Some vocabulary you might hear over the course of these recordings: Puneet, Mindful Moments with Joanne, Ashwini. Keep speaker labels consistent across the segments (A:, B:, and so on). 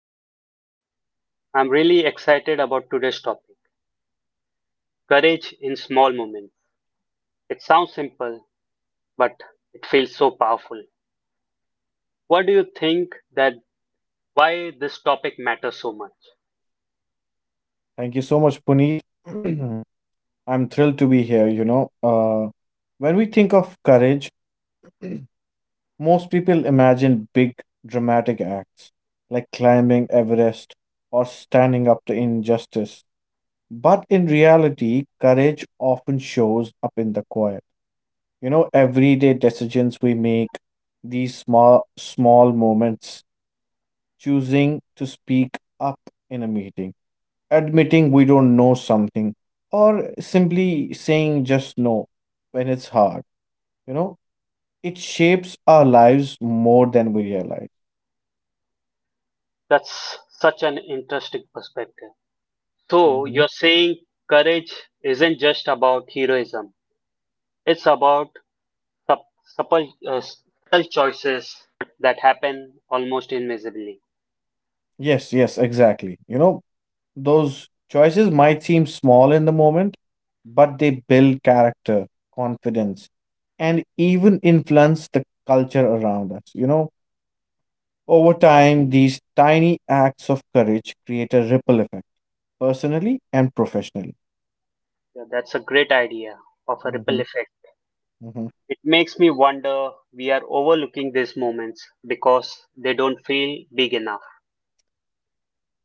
A: show. I'm really excited about today's topic courage in small moments. It sounds simple, but it feels so powerful. What do you think that why this topic matters so much?
B: Thank you so much, Puneet. I'm thrilled to be here. When we think of courage, most people imagine big, dramatic acts like climbing Everest or standing up to injustice. But in reality, courage often shows up in the quiet. Everyday decisions we make, these small moments, choosing to speak up in a meeting, admitting we don't know something, or simply saying just no when it's hard you know it shapes our lives more than we realize.
A: That's such an interesting perspective. So,
B: Mhm.
A: you're saying courage isn't just about heroism, it's about subtle choices that happen almost invisibly.
B: Yes, exactly. Those choices might seem small in the moment, but they build character, confidence, and even influence the culture around us. Over time, these tiny acts of courage create a ripple effect, personally and professionally.
A: Yeah, that's a great idea of a ripple
B: Mhm,
A: effect.
B: mhm.
A: It makes me wonder we are overlooking these moments because they don't feel big enough.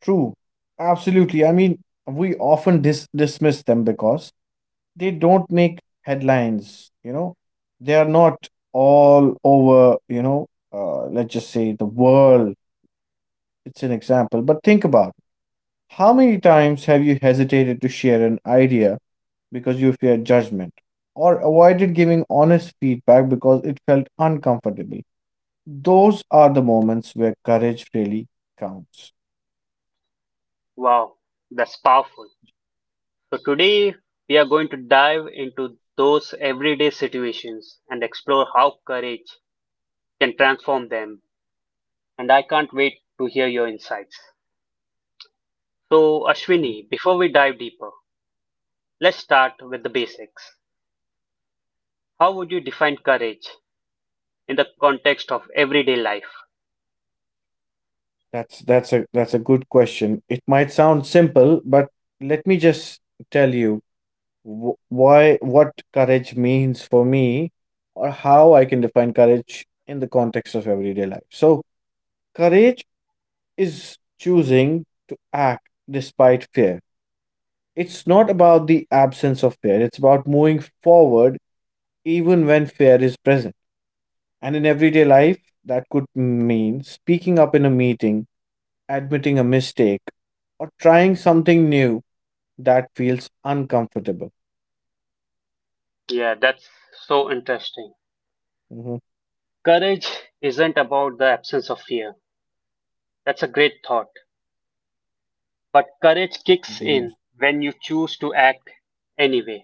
B: True. Absolutely. I mean, we often dismiss them because they don't make headlines, you know. They are not all over, you know, let's just say the world. It's an example. But think about it. How many times have you hesitated to share an idea because you feared judgment, or avoided giving honest feedback because it felt uncomfortable? Those are the moments where courage really counts.
A: Wow, that's powerful. So today we are going to dive into those everyday situations and explore how courage can transform them. And I can't wait to hear your insights. So Ashwini, before we dive deeper, let's start with the basics. How would you define courage in the context of everyday life?
B: That's a good question. It might sound simple, but let me just tell you why what courage means for me, or how I can define courage in the context of everyday life. So, courage is choosing to act despite fear. It's not about the absence of fear. It's about moving forward even when fear is present. And in everyday life, that could mean speaking up in a meeting, admitting a mistake, or trying something new that feels uncomfortable.
A: Yeah, that's so interesting.
B: Mhm.
A: Courage isn't about the absence of fear. That's a great thought. But courage kicks
B: Mhm.
A: in when you choose to act anyway.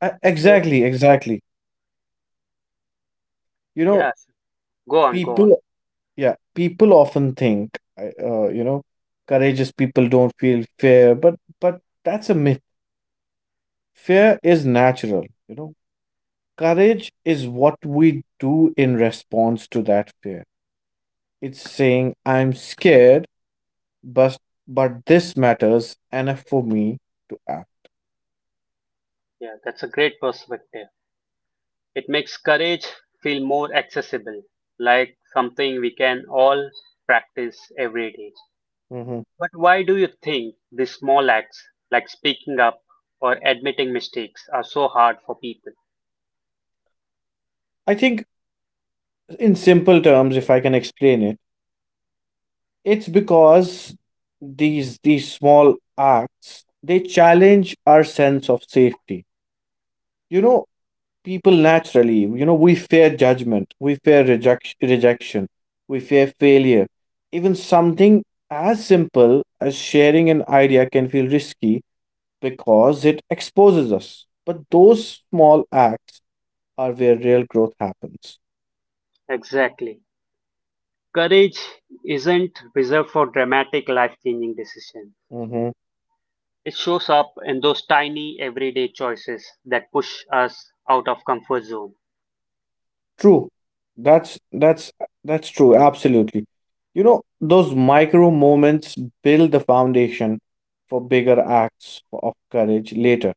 A: Go-
B: Exactly, exactly. You know,
A: Yeah, sure, go on, go on.
B: people, yeah, people often think, courageous people don't feel fear, but that's a myth. Fear is natural, you know. Courage is what we do in response to that fear. It's saying, I'm scared, but but this matters enough for me to act.
A: Yeah, that's a great perspective. It makes courage feel more accessible, like something we can all practice every day.
B: Mhm.
A: But why do you think these small acts, like speaking up or admitting mistakes, are so hard for people?
B: I think in simple terms, if I can explain it, it's because these small acts, they challenge our sense of safety. you know People naturally, you know, we fear judgment, we fear rejection, we fear failure. Even something as simple as sharing an idea can feel risky because it exposes us. But those small acts are where real growth happens.
A: Exactly. Courage isn't reserved for dramatic, life changing decisions.
B: Mhm.
A: It shows up in those tiny, everyday choices that push us out of comfort zone.
B: True. That's that's that's true. Absolutely. You know, those micro moments build the foundation for bigger acts of courage later.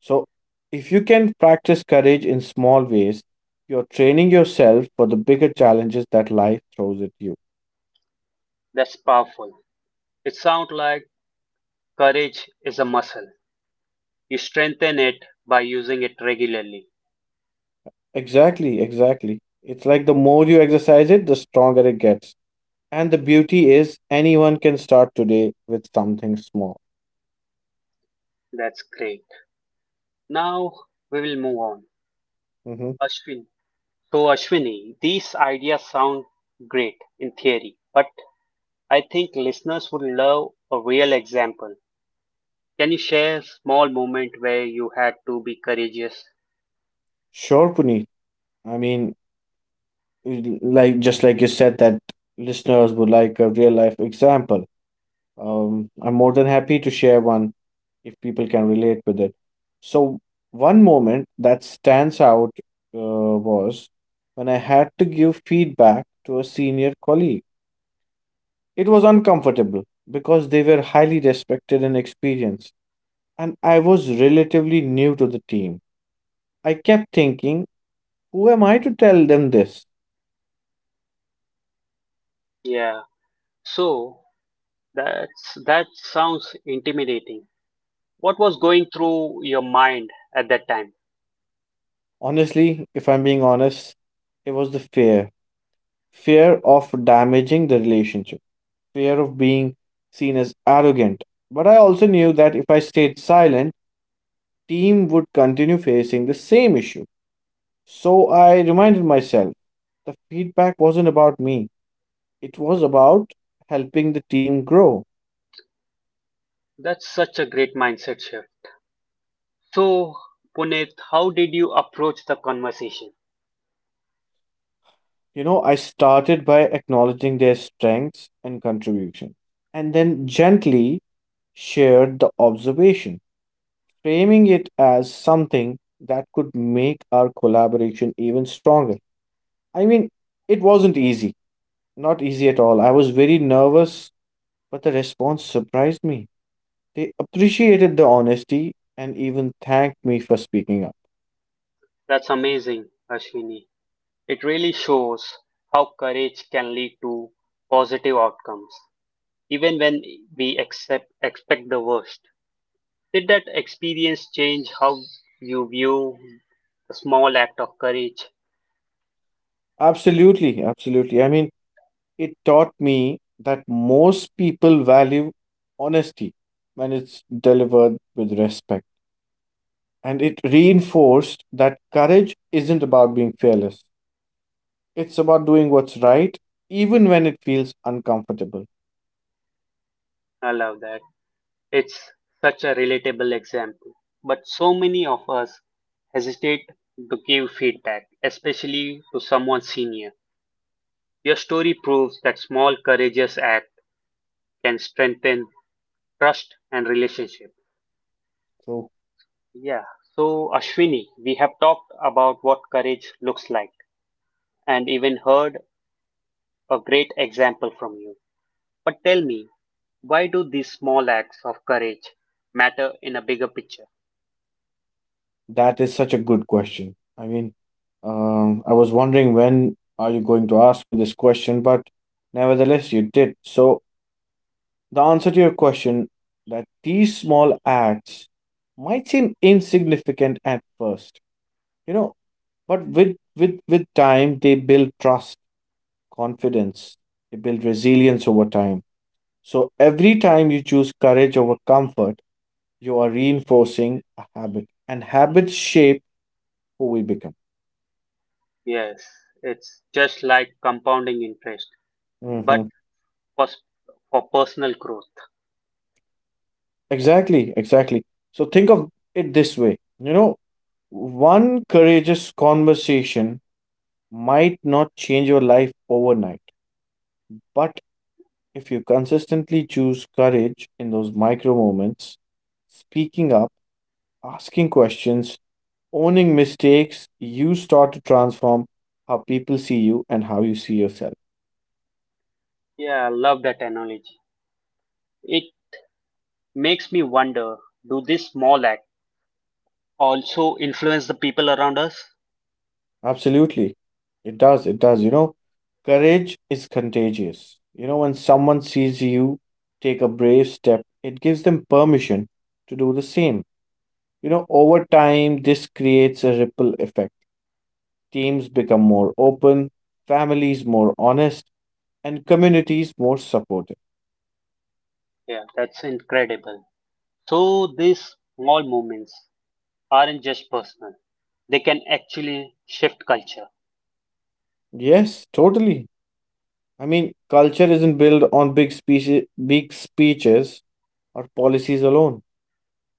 B: So, if you can practice courage in small ways, you're training yourself for the bigger challenges that life throws at you.
A: That's powerful. It sounds like courage is a muscle. You strengthen it by using it regularly.
B: Exactly, exactly. It's like the more you exercise it, the stronger it gets. And the beauty is anyone can start today with something small.
A: That's great. Now we will move on.
B: Hmm.
A: Ashwin. So, Ashwini, these ideas sound great in theory, but I think listeners would love a real example. Can you share a small moment where you had to be courageous?
B: Sure, Puneet. I mean, like just like you said, that listeners would like a real life example, I'm more than happy to share one if people can relate with it. So, one moment that stands out was when I had to give feedback to a senior colleague. It was uncomfortable because they were highly respected and experienced, and I was relatively new to the team. I kept thinking, who am I to tell them this?
A: Yeah. So that sounds intimidating. What was going through your mind at that time?
B: Honestly, if I'm being honest, it was the fear, fear of damaging the relationship, fear of being seen as arrogant. But I also knew that if I stayed silent, team would continue facing the same issue. So I reminded myself the feedback wasn't about me, it was about helping the team grow.
A: That's such a great mindset shift. So Puneet, how did you approach the conversation?
B: You know, I started by acknowledging their strengths and contribution, and then gently shared the observation, framing it as something that could make our collaboration even stronger. I mean, it wasn't easy, not easy at all. I was very nervous, but the response surprised me. They appreciated the honesty and even thanked me for speaking up.
A: That's amazing, Ashwini. It really shows how courage can lead to positive outcomes, even when we accept expect the worst. Did that experience change how you view the small act of courage?
B: Absolutely, absolutely. I mean, it taught me that most people value honesty when it's delivered with respect. And it reinforced that courage isn't about being fearless. It's about doing what's right, even when it feels uncomfortable.
A: I love that. It's such a relatable example. But so many of us hesitate to give feedback, especially to someone senior. Your story proves that small courageous act can strengthen trust and relationship.
B: So
A: Yeah. So Ashwini, we have talked about what courage looks like and even heard a great example from you. But tell me, why do these small acts of courage matter in a bigger picture?
B: that is such a good question. I mean, I was wondering when are you going to ask me this question, but nevertheless, you did. So the answer to your question, that these small acts might seem insignificant at first, you know, but with time they build trust, confidence, they build resilience over time. So every time you choose courage over comfort, you are reinforcing a habit, and habits shape who we become.
A: Yes, it's just like compounding interest, but
B: Hmm.
A: for, s- for personal growth.
B: Exactly, exactly. So think of it this way. One courageous conversation might not change your life overnight, but if you consistently choose courage in those micro moments, speaking up, asking questions, owning mistakes, you start to transform how people see you and how you see yourself.
A: Yeah, I love that analogy. It makes me wonder do these small acts also influence the people around us?
B: Absolutely. It does. It does. You know, courage is contagious. You know, when someone sees you take a brave step, it gives them permission to do the same. You know, over time, this creates a ripple effect. Teams become more open, families more honest, and communities more supportive.
A: Yeah, that's incredible. So, these small movements aren't just personal, they can actually shift culture.
B: Yes, totally. I mean, culture isn't built on big speeches or policies alone.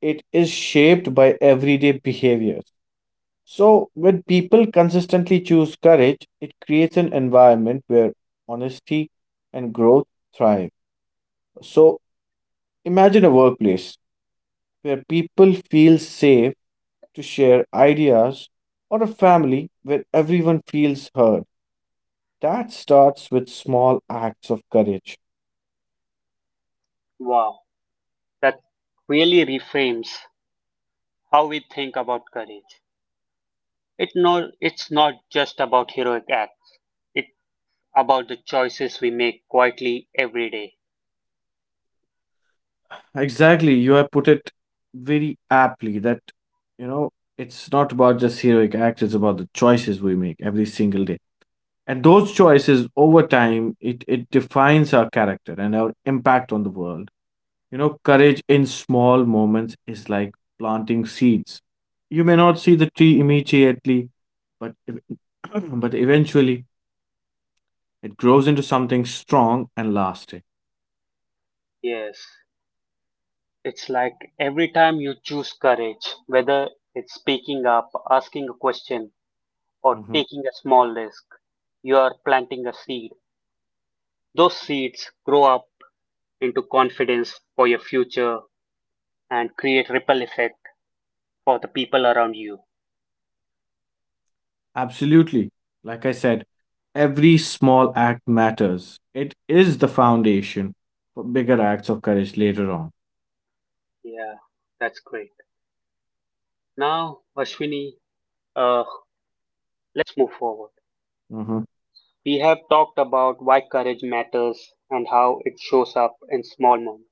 B: It is shaped by everyday behaviors. So, when people consistently choose courage, it creates an environment where honesty and growth thrive. So, imagine a workplace where people feel safe to share ideas, or a family where everyone feels heard. That starts with small acts of courage.
A: Wow, that really reframes how we think about courage. It no, it's not just about heroic acts. It's about the choices we make quietly every day.
B: Exactly, you have put it very aptly that, you know, it's not about just heroic acts, it's about the choices we make every single day. And those choices over time, it defines our character and our impact on the world. You know, courage in small moments is like planting seeds. You may not see the tree immediately, but but eventually it grows into something strong and lasting.
A: Yes. It's like every time you choose courage, whether it's speaking up, asking a question, or
B: Mhm.
A: taking a small risk, you are planting a seed. Those seeds grow up into confidence for your future and create ripple effect for the people around you.
B: Absolutely. Like I said, every small act matters. It is the foundation for bigger acts of courage later on.
A: Yeah, that's great. Now, Ashwini, uh, let's move forward.
B: Mhm.
A: We have talked about why courage matters and how it shows up in small moments.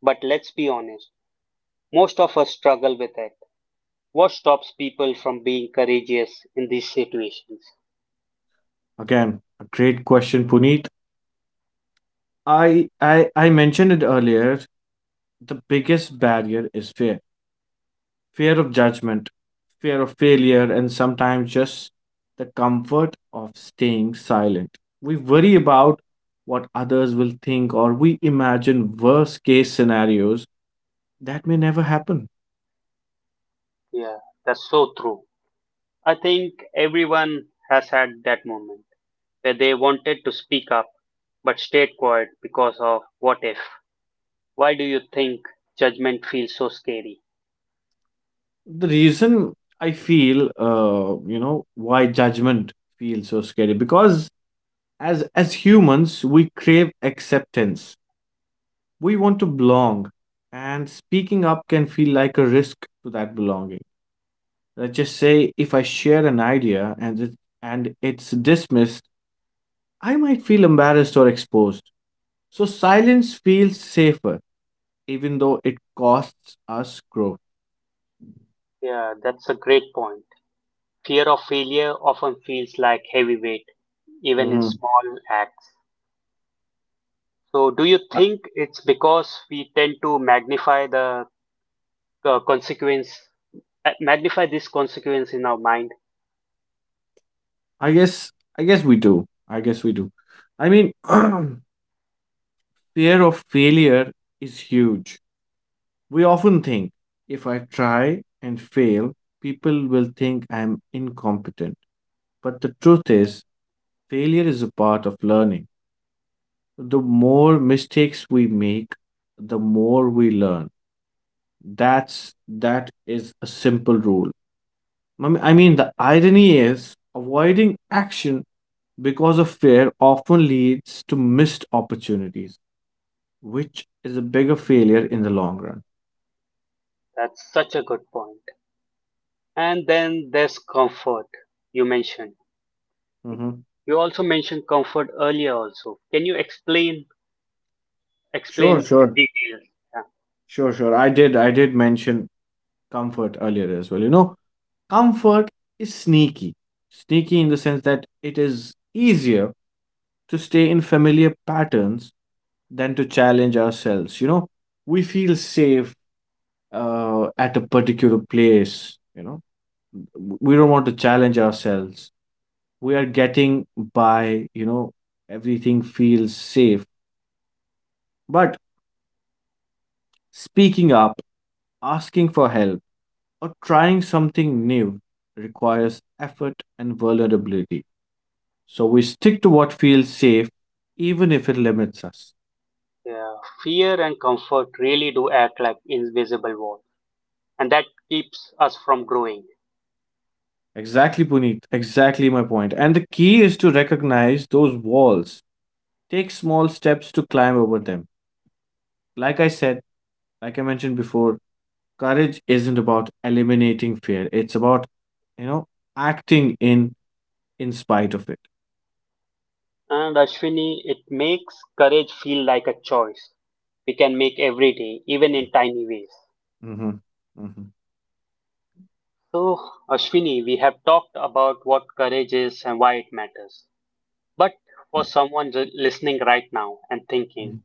A: But let's be honest, most of us struggle with it. What stops people from being courageous in these situations?
B: Again, a great question, Puneet. I mentioned it earlier. The biggest barrier is fear. Fear of judgment, fear of failure, and sometimes just the comfort of staying silent. We worry about what others will think, or we imagine worst case scenarios that may never happen.
A: Yeah, that's so true. I think everyone has had that moment where they wanted to speak up but stayed quiet because of what if. Why do you think judgment feels so scary?
B: The reason I feel, you know, why judgment feels so scary, because as humans we crave acceptance. We want to belong, and speaking up can feel like a risk to that belonging. Let's just say if I share an idea and and it's dismissed, I might feel embarrassed or exposed. So silence feels safer, even though it costs us growth.
A: Yeah, that's a great point. Fear of failure often feels like heavy weight even in
B: Mhm.
A: small acts. So, do you
B: I
A: think it's because we tend to magnify the consequence, magnify this consequence in our mind?
B: I guess we do. I guess we do. I mean, fear of failure is huge. We often think, if I try and fail, people will think I'm incompetent. But the truth is, failure is a part of learning. The more mistakes we make, the more we learn. That is a simple rule. I mean, the irony is avoiding action because of fear often leads to missed opportunities, which is a bigger failure in the long run.
A: That's such a good point. And then there's comfort you mentioned.
B: Hmm.
A: You also mentioned comfort earlier also. Can you
B: Sure,
A: explain in
B: sure,
A: detail? Yeah.
B: sure. I did mention comfort earlier as well. You know, comfort is sneaky. Sneaky in the sense that it is easier to stay in familiar patterns than to challenge ourselves. You know, we feel safe at a particular place. You know, we don't want to challenge ourselves. We are getting by, you know, everything feels safe. But speaking up, asking for help, or trying something new requires effort and vulnerability. So we stick to what feels safe, even if it limits us.
A: Yeah. Fear and comfort really do act like invisible walls, and that keeps us from growing.
B: Exactly, Puneet. Exactly my point. And the key is to recognize those walls. Take small steps to climb over them. Like I said, like I mentioned before, courage isn't about eliminating fear. It's about, you know, acting in spite of it.
A: And Ashwini, it makes courage feel like a choice we can make every day, even in tiny ways.
B: Hmm. Hmm.
A: So, Ashwini, we have talked about what courage is and why it matters. But for someone listening right now and thinking,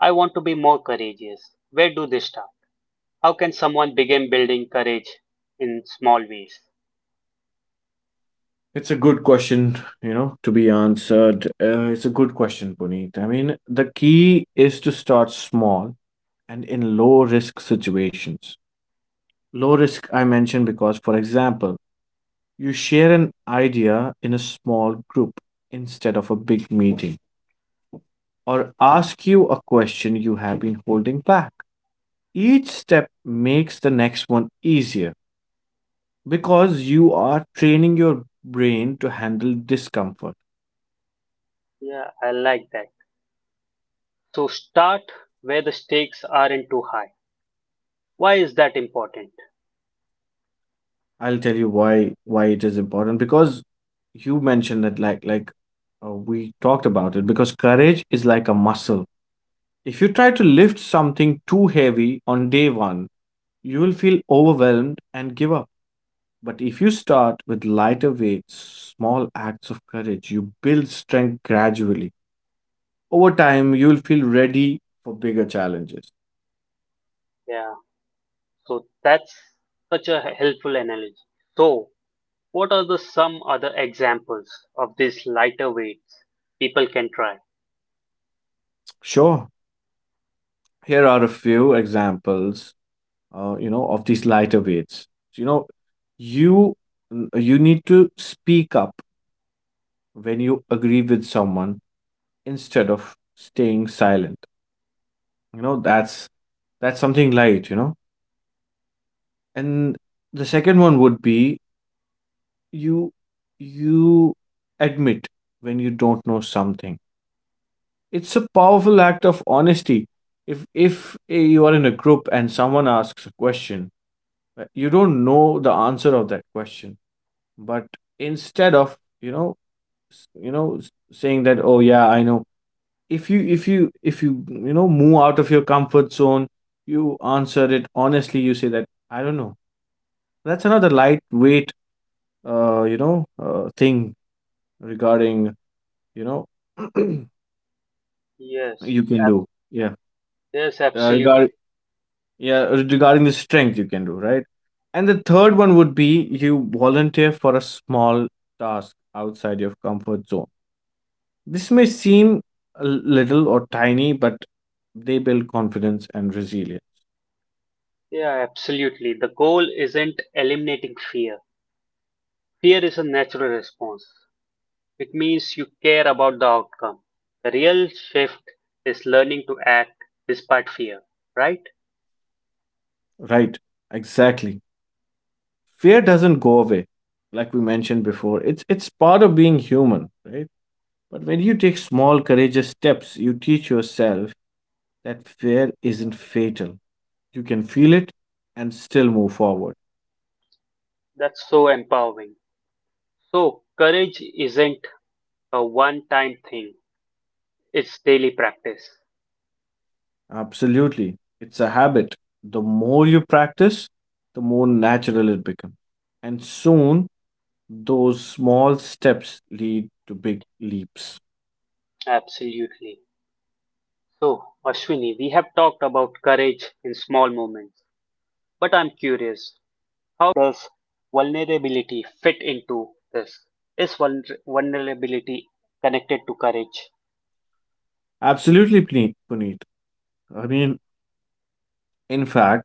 A: I want to be more courageous, where do they start? How can someone begin building courage in small ways?
B: It's a good question, you know, to be answered. It's a good question, Puneet. I mean, the key is to start small and in low risk situations. Low risk, I mention because, for example, you share an idea in a small group instead of a big meeting, or ask you a question you have been holding back. Each step makes the next one easier because you are training your brain to handle discomfort.
A: Yeah, I like that. So, start where the stakes aren't too high. Why is that important?
B: I'll tell you why it is important. Because you mentioned that, we talked about it, because courage is like a muscle. If you try to lift something too heavy on day 1, you will feel overwhelmed and give up. But if you start with lighter weights, small acts of courage, you build strength gradually. Over time, you will feel ready for bigger challenges.
A: Yeah. So that's such a helpful analogy. So, what are the some other examples of these lighter weights people can try?
B: Sure, here are a few examples, you know, of these lighter weights. You know, you you need to speak up when you agree with someone instead of staying silent. You know, that's That's something light. And the second one would be you you admit when you don't know something. It's a powerful act of honesty. If you are in a group and someone asks a question, you don't know the answer of that question, but instead of, you know, saying that, oh yeah, I know. If you if you if you you know move out of your comfort zone, you answer it honestly, you say that I don't know. That's another light weight thing regarding, you know,
A: Yes,
B: you can
A: ab-
B: do. Yeah.
A: yes,
B: Uh,
A: absolutely.
B: regard, yeah, regarding the strength you can do, right? And the third one would be you volunteer for a small task outside your comfort zone. This may seem a little or tiny, but they build confidence and resilience.
A: Yeah, absolutely. The goal isn't eliminating fear. Fear is a natural response. It means you care about the outcome. The real shift is learning to act despite fear, right?
B: Right. Exactly. Fear doesn't go away, like we mentioned before. It's part of being human, right? But when you take small, courageous steps, you teach yourself that fear isn't fatal. You can feel it and still move forward.
A: That's so empowering. So, courage isn't a one time thing, it's daily practice.
B: Absolutely. It's a habit. The more you practice, the more natural it becomes. And soon, those small steps lead to big leaps.
A: Absolutely. So, Ashwini, we have talked about courage in small moments, but I'm curious how does vulnerability fit into this? Is vulnerability connected to courage?
B: Absolutely, Puneet. I mean, in fact,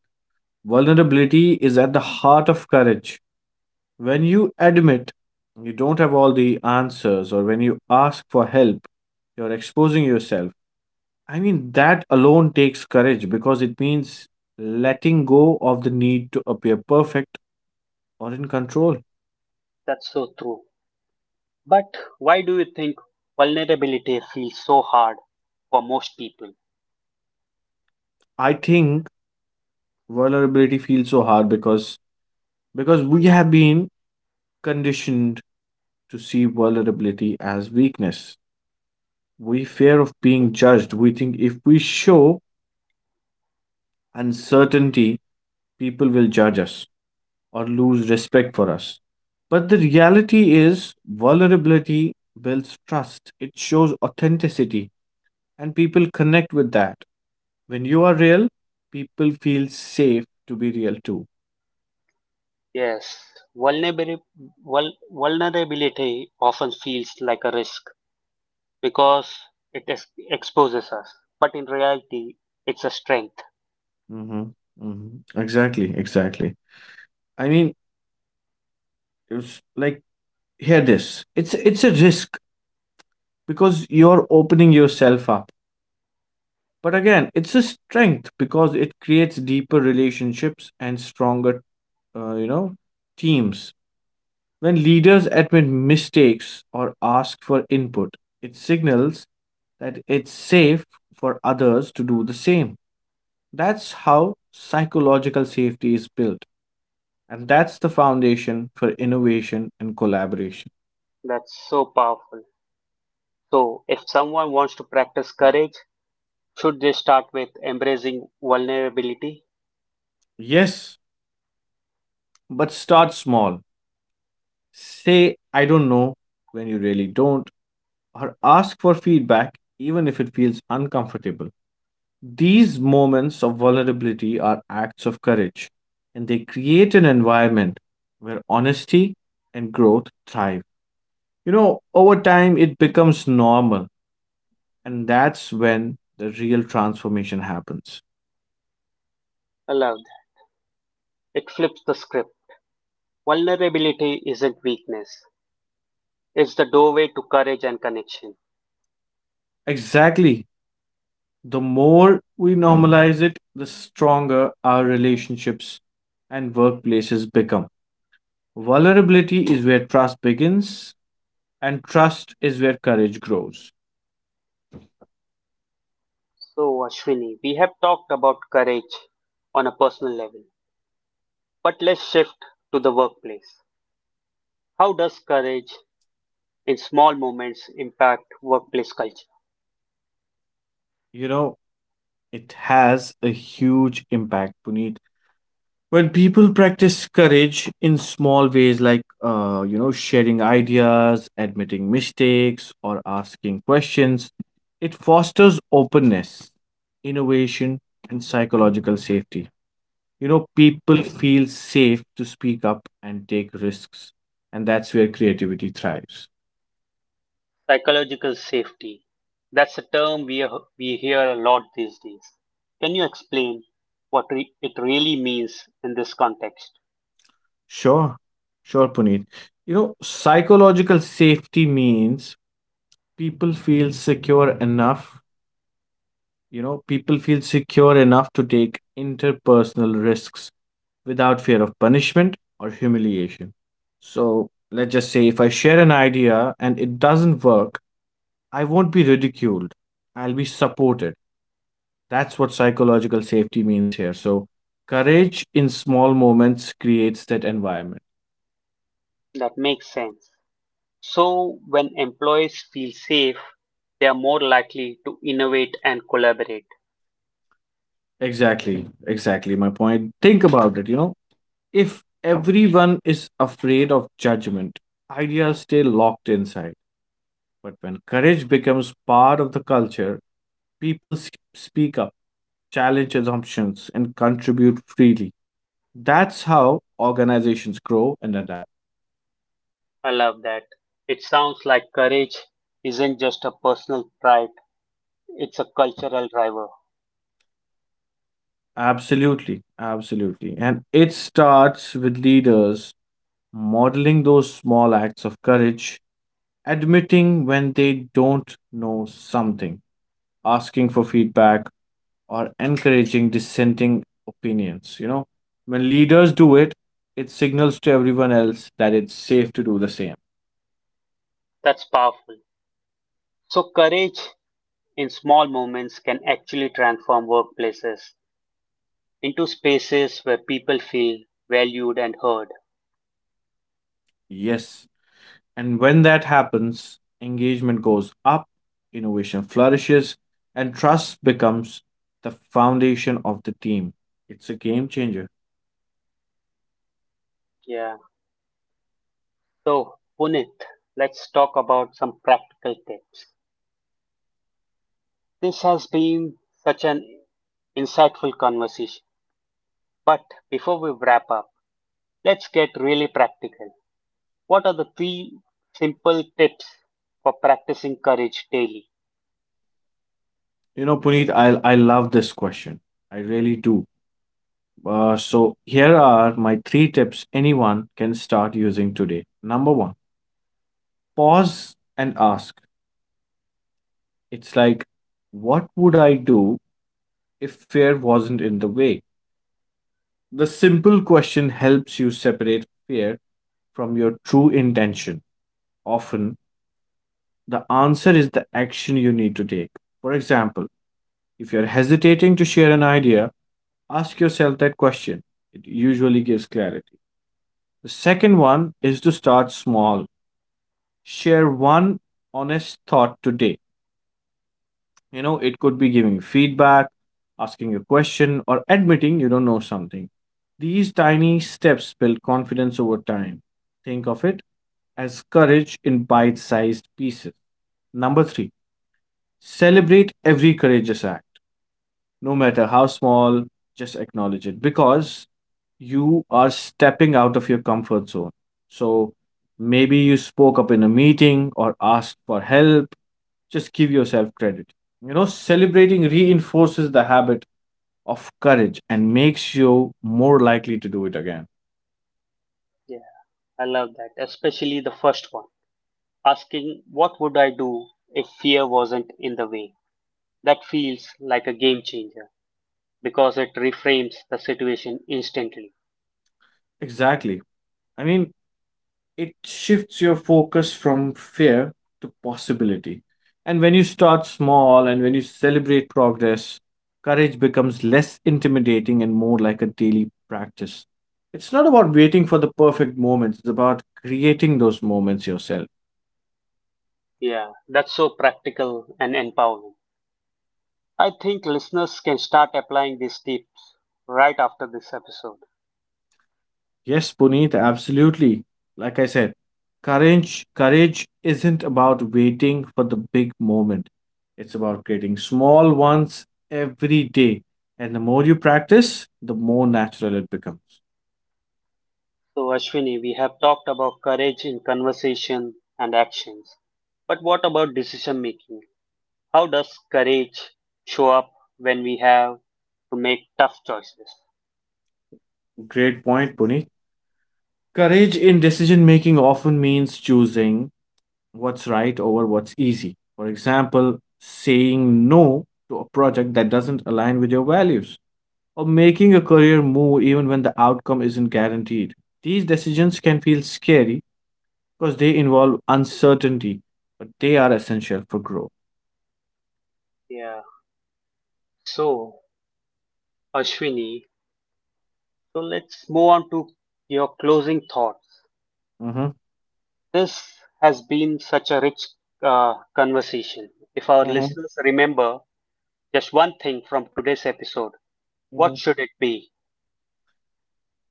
B: vulnerability is at the heart of courage. When you admit you don't have all the answers or when you ask for help, you're exposing yourself. I mean, that alone takes courage because it means letting go of the need to appear perfect or in control.
A: That's so true. But why do you think vulnerability feels so hard for most people?
B: I think vulnerability feels so hard because we have been conditioned to see vulnerability as weakness. We fear of being judged. We think if we show uncertainty, people will judge us or lose respect for us. But the reality is, vulnerability builds trust, it shows authenticity, and people connect with that. When you are real, people feel safe to be real too.
A: Yes, vulnerability, vulnerability often feels like a risk because it exposes us, but in reality, it's a strength.
B: hmm hmm Exactly, exactly. I mean, it's like, hear this. It's a risk because you're opening yourself up. But again, it's a strength because it creates deeper relationships and stronger, uh, you know, teams. When leaders admit mistakes or ask for input, it signals that it's safe for others to do the same. That's how psychological safety is built, and that's the foundation for innovation and collaboration.
A: That's so powerful. So, if someone wants to practice courage, should they start with embracing vulnerability?
B: Yes, but start small. Say, I don't know when you really don't, or ask for feedback even if it feels uncomfortable. These moments of vulnerability are acts of courage, and they create an environment where honesty and growth thrive. You know, over time, it becomes normal, and that's when the real transformation happens.
A: I love that. It flips the script. Vulnerability isn't weakness, it's the doorway to courage and connection.
B: Exactly. The more we normalize it, the stronger our relationships and workplaces become. Vulnerability is where trust begins, and trust is where courage grows.
A: So, Ashwini, we have talked about courage on a personal level, but let's shift to the workplace. How does courage in small moments impact workplace culture?
B: You know, it has a huge impact, Puneet. When people practice courage in small ways, like sharing ideas, admitting mistakes, or asking questions, it fosters openness, innovation, and psychological safety. You know, people feel safe to speak up and take risks, and that's where creativity thrives.
A: Psychological safety. That's a term we hear a lot these days. Can you explain what it really means in this context?
B: Sure, sure, Puneet. You know, psychological safety means people feel secure enough people feel secure enough to take interpersonal risks without fear of punishment or humiliation. So, let's just say if I share an idea and it doesn't work, I won't be ridiculed, I'll be supported. That's what psychological safety means here. So courage in small moments creates that environment.
A: That makes sense. So, when employees feel safe, they are more likely to innovate and collaborate.
B: Exactly, exactly my point. Think about it, you know. If everyone is afraid of judgment, ideas stay locked inside. But when courage becomes part of the culture, people speak up, challenge assumptions, and contribute freely. That's how organizations grow and adapt.
A: I love that. It sounds like courage isn't just a personal pride, it's a cultural driver.
B: Absolutely, absolutely. And it starts with leaders modeling those small acts of courage, admitting when they don't know something, asking for feedback, or encouraging dissenting opinions. You know, when leaders do it, it signals to everyone else that it's safe to do the same.
A: That's powerful. So, courage in small moments can actually transform workplaces into spaces where people feel valued and heard.
B: Yes. And when that happens, engagement goes up, innovation flourishes, and trust becomes the foundation of the team. It's a game changer.
A: Yeah. So, Punit, let's talk about some practical tips. This has been such an insightful conversation. But before we wrap up, let's get really practical. What are the three simple tips for practicing courage daily?
B: You know, Puneet, I love this question. I really do. So, here are my three tips anyone can start using today. Number one, pause and ask. It's like, what would I do if fear wasn't in the way? The simple question helps you separate fear from your true intention. Often, the answer is the action you need to take. For example, if you're hesitating to share an idea, ask yourself that question. It usually gives clarity. The second one is to start small. Share one honest thought today. You know, it could be giving feedback, asking a question, or admitting you don't know something. These tiny steps build confidence over time. Think of it as courage in bite sized pieces. Number three, celebrate every courageous act, no matter how small, just acknowledge it because you are stepping out of your comfort zone. So maybe you spoke up in a meeting or asked for help, just give yourself credit. You know, celebrating reinforces the habit of courage and makes you more likely to do it again.
A: Yeah, I love that, especially the first one asking, what would I do if fear wasn't in the way? That feels like a game changer, because it reframes the situation instantly.
B: Exactly. I mean, it shifts your focus from fear to possibility. And when you start small and when you celebrate progress, courage becomes less intimidating and more like a daily practice. It's not about waiting for the perfect moments, it's about creating those moments yourself.
A: Yeah, that's so practical and empowering. I think listeners can start applying these tips right after this episode.
B: Yes, Puneet, absolutely. Like I said, courage isn't about waiting for the big moment. It's about creating small ones every day. And the more you practice, the more natural it becomes.
A: So, Ashwini, we have talked about courage in conversation and actions. But what about decision making? How does courage show up when we have to make tough choices?
B: Great point, Puneet. Courage in decision making often means choosing what's right over what's easy. For example, saying no to a project that doesn't align with your values or making a career move even when the outcome isn't guaranteed. These decisions can feel scary because they involve uncertainty, but they are essential for growth.
A: Yeah. So, Ashwini, so let's move on to your closing thought.
B: Mhm,
A: This has been such a rich conversation. If our
B: mhm,
A: listeners remember just one thing from today's episode, what
B: mhm.
A: should it be?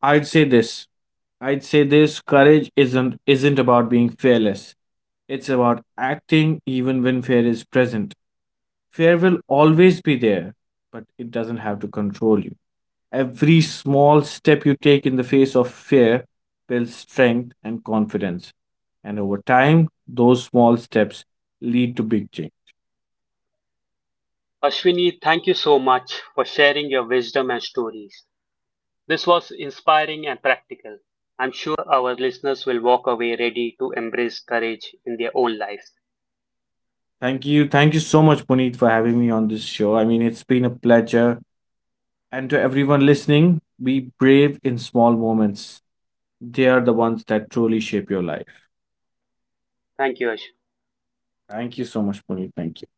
B: I'd say this. I'd say this, courage isn't about being fearless. It's about acting even when fear is present. Fear will always be there, but it doesn't have to control you. Every small step you take in the face of fear builds strength and confidence. And over time, those small steps lead to big change.
A: Ashwini, thank you so much for sharing your wisdom and stories. This was inspiring and practical. I'm sure our listeners will walk away ready to embrace courage in their own lives.
B: Thank you. Thank you so much, Puneet, for having me on this show. I mean, it's been a pleasure. And to everyone listening, be brave in small moments. They are the ones that truly shape your life.
A: Thank you, Ashwini.
B: Thank you so much, Puneet. Thank you.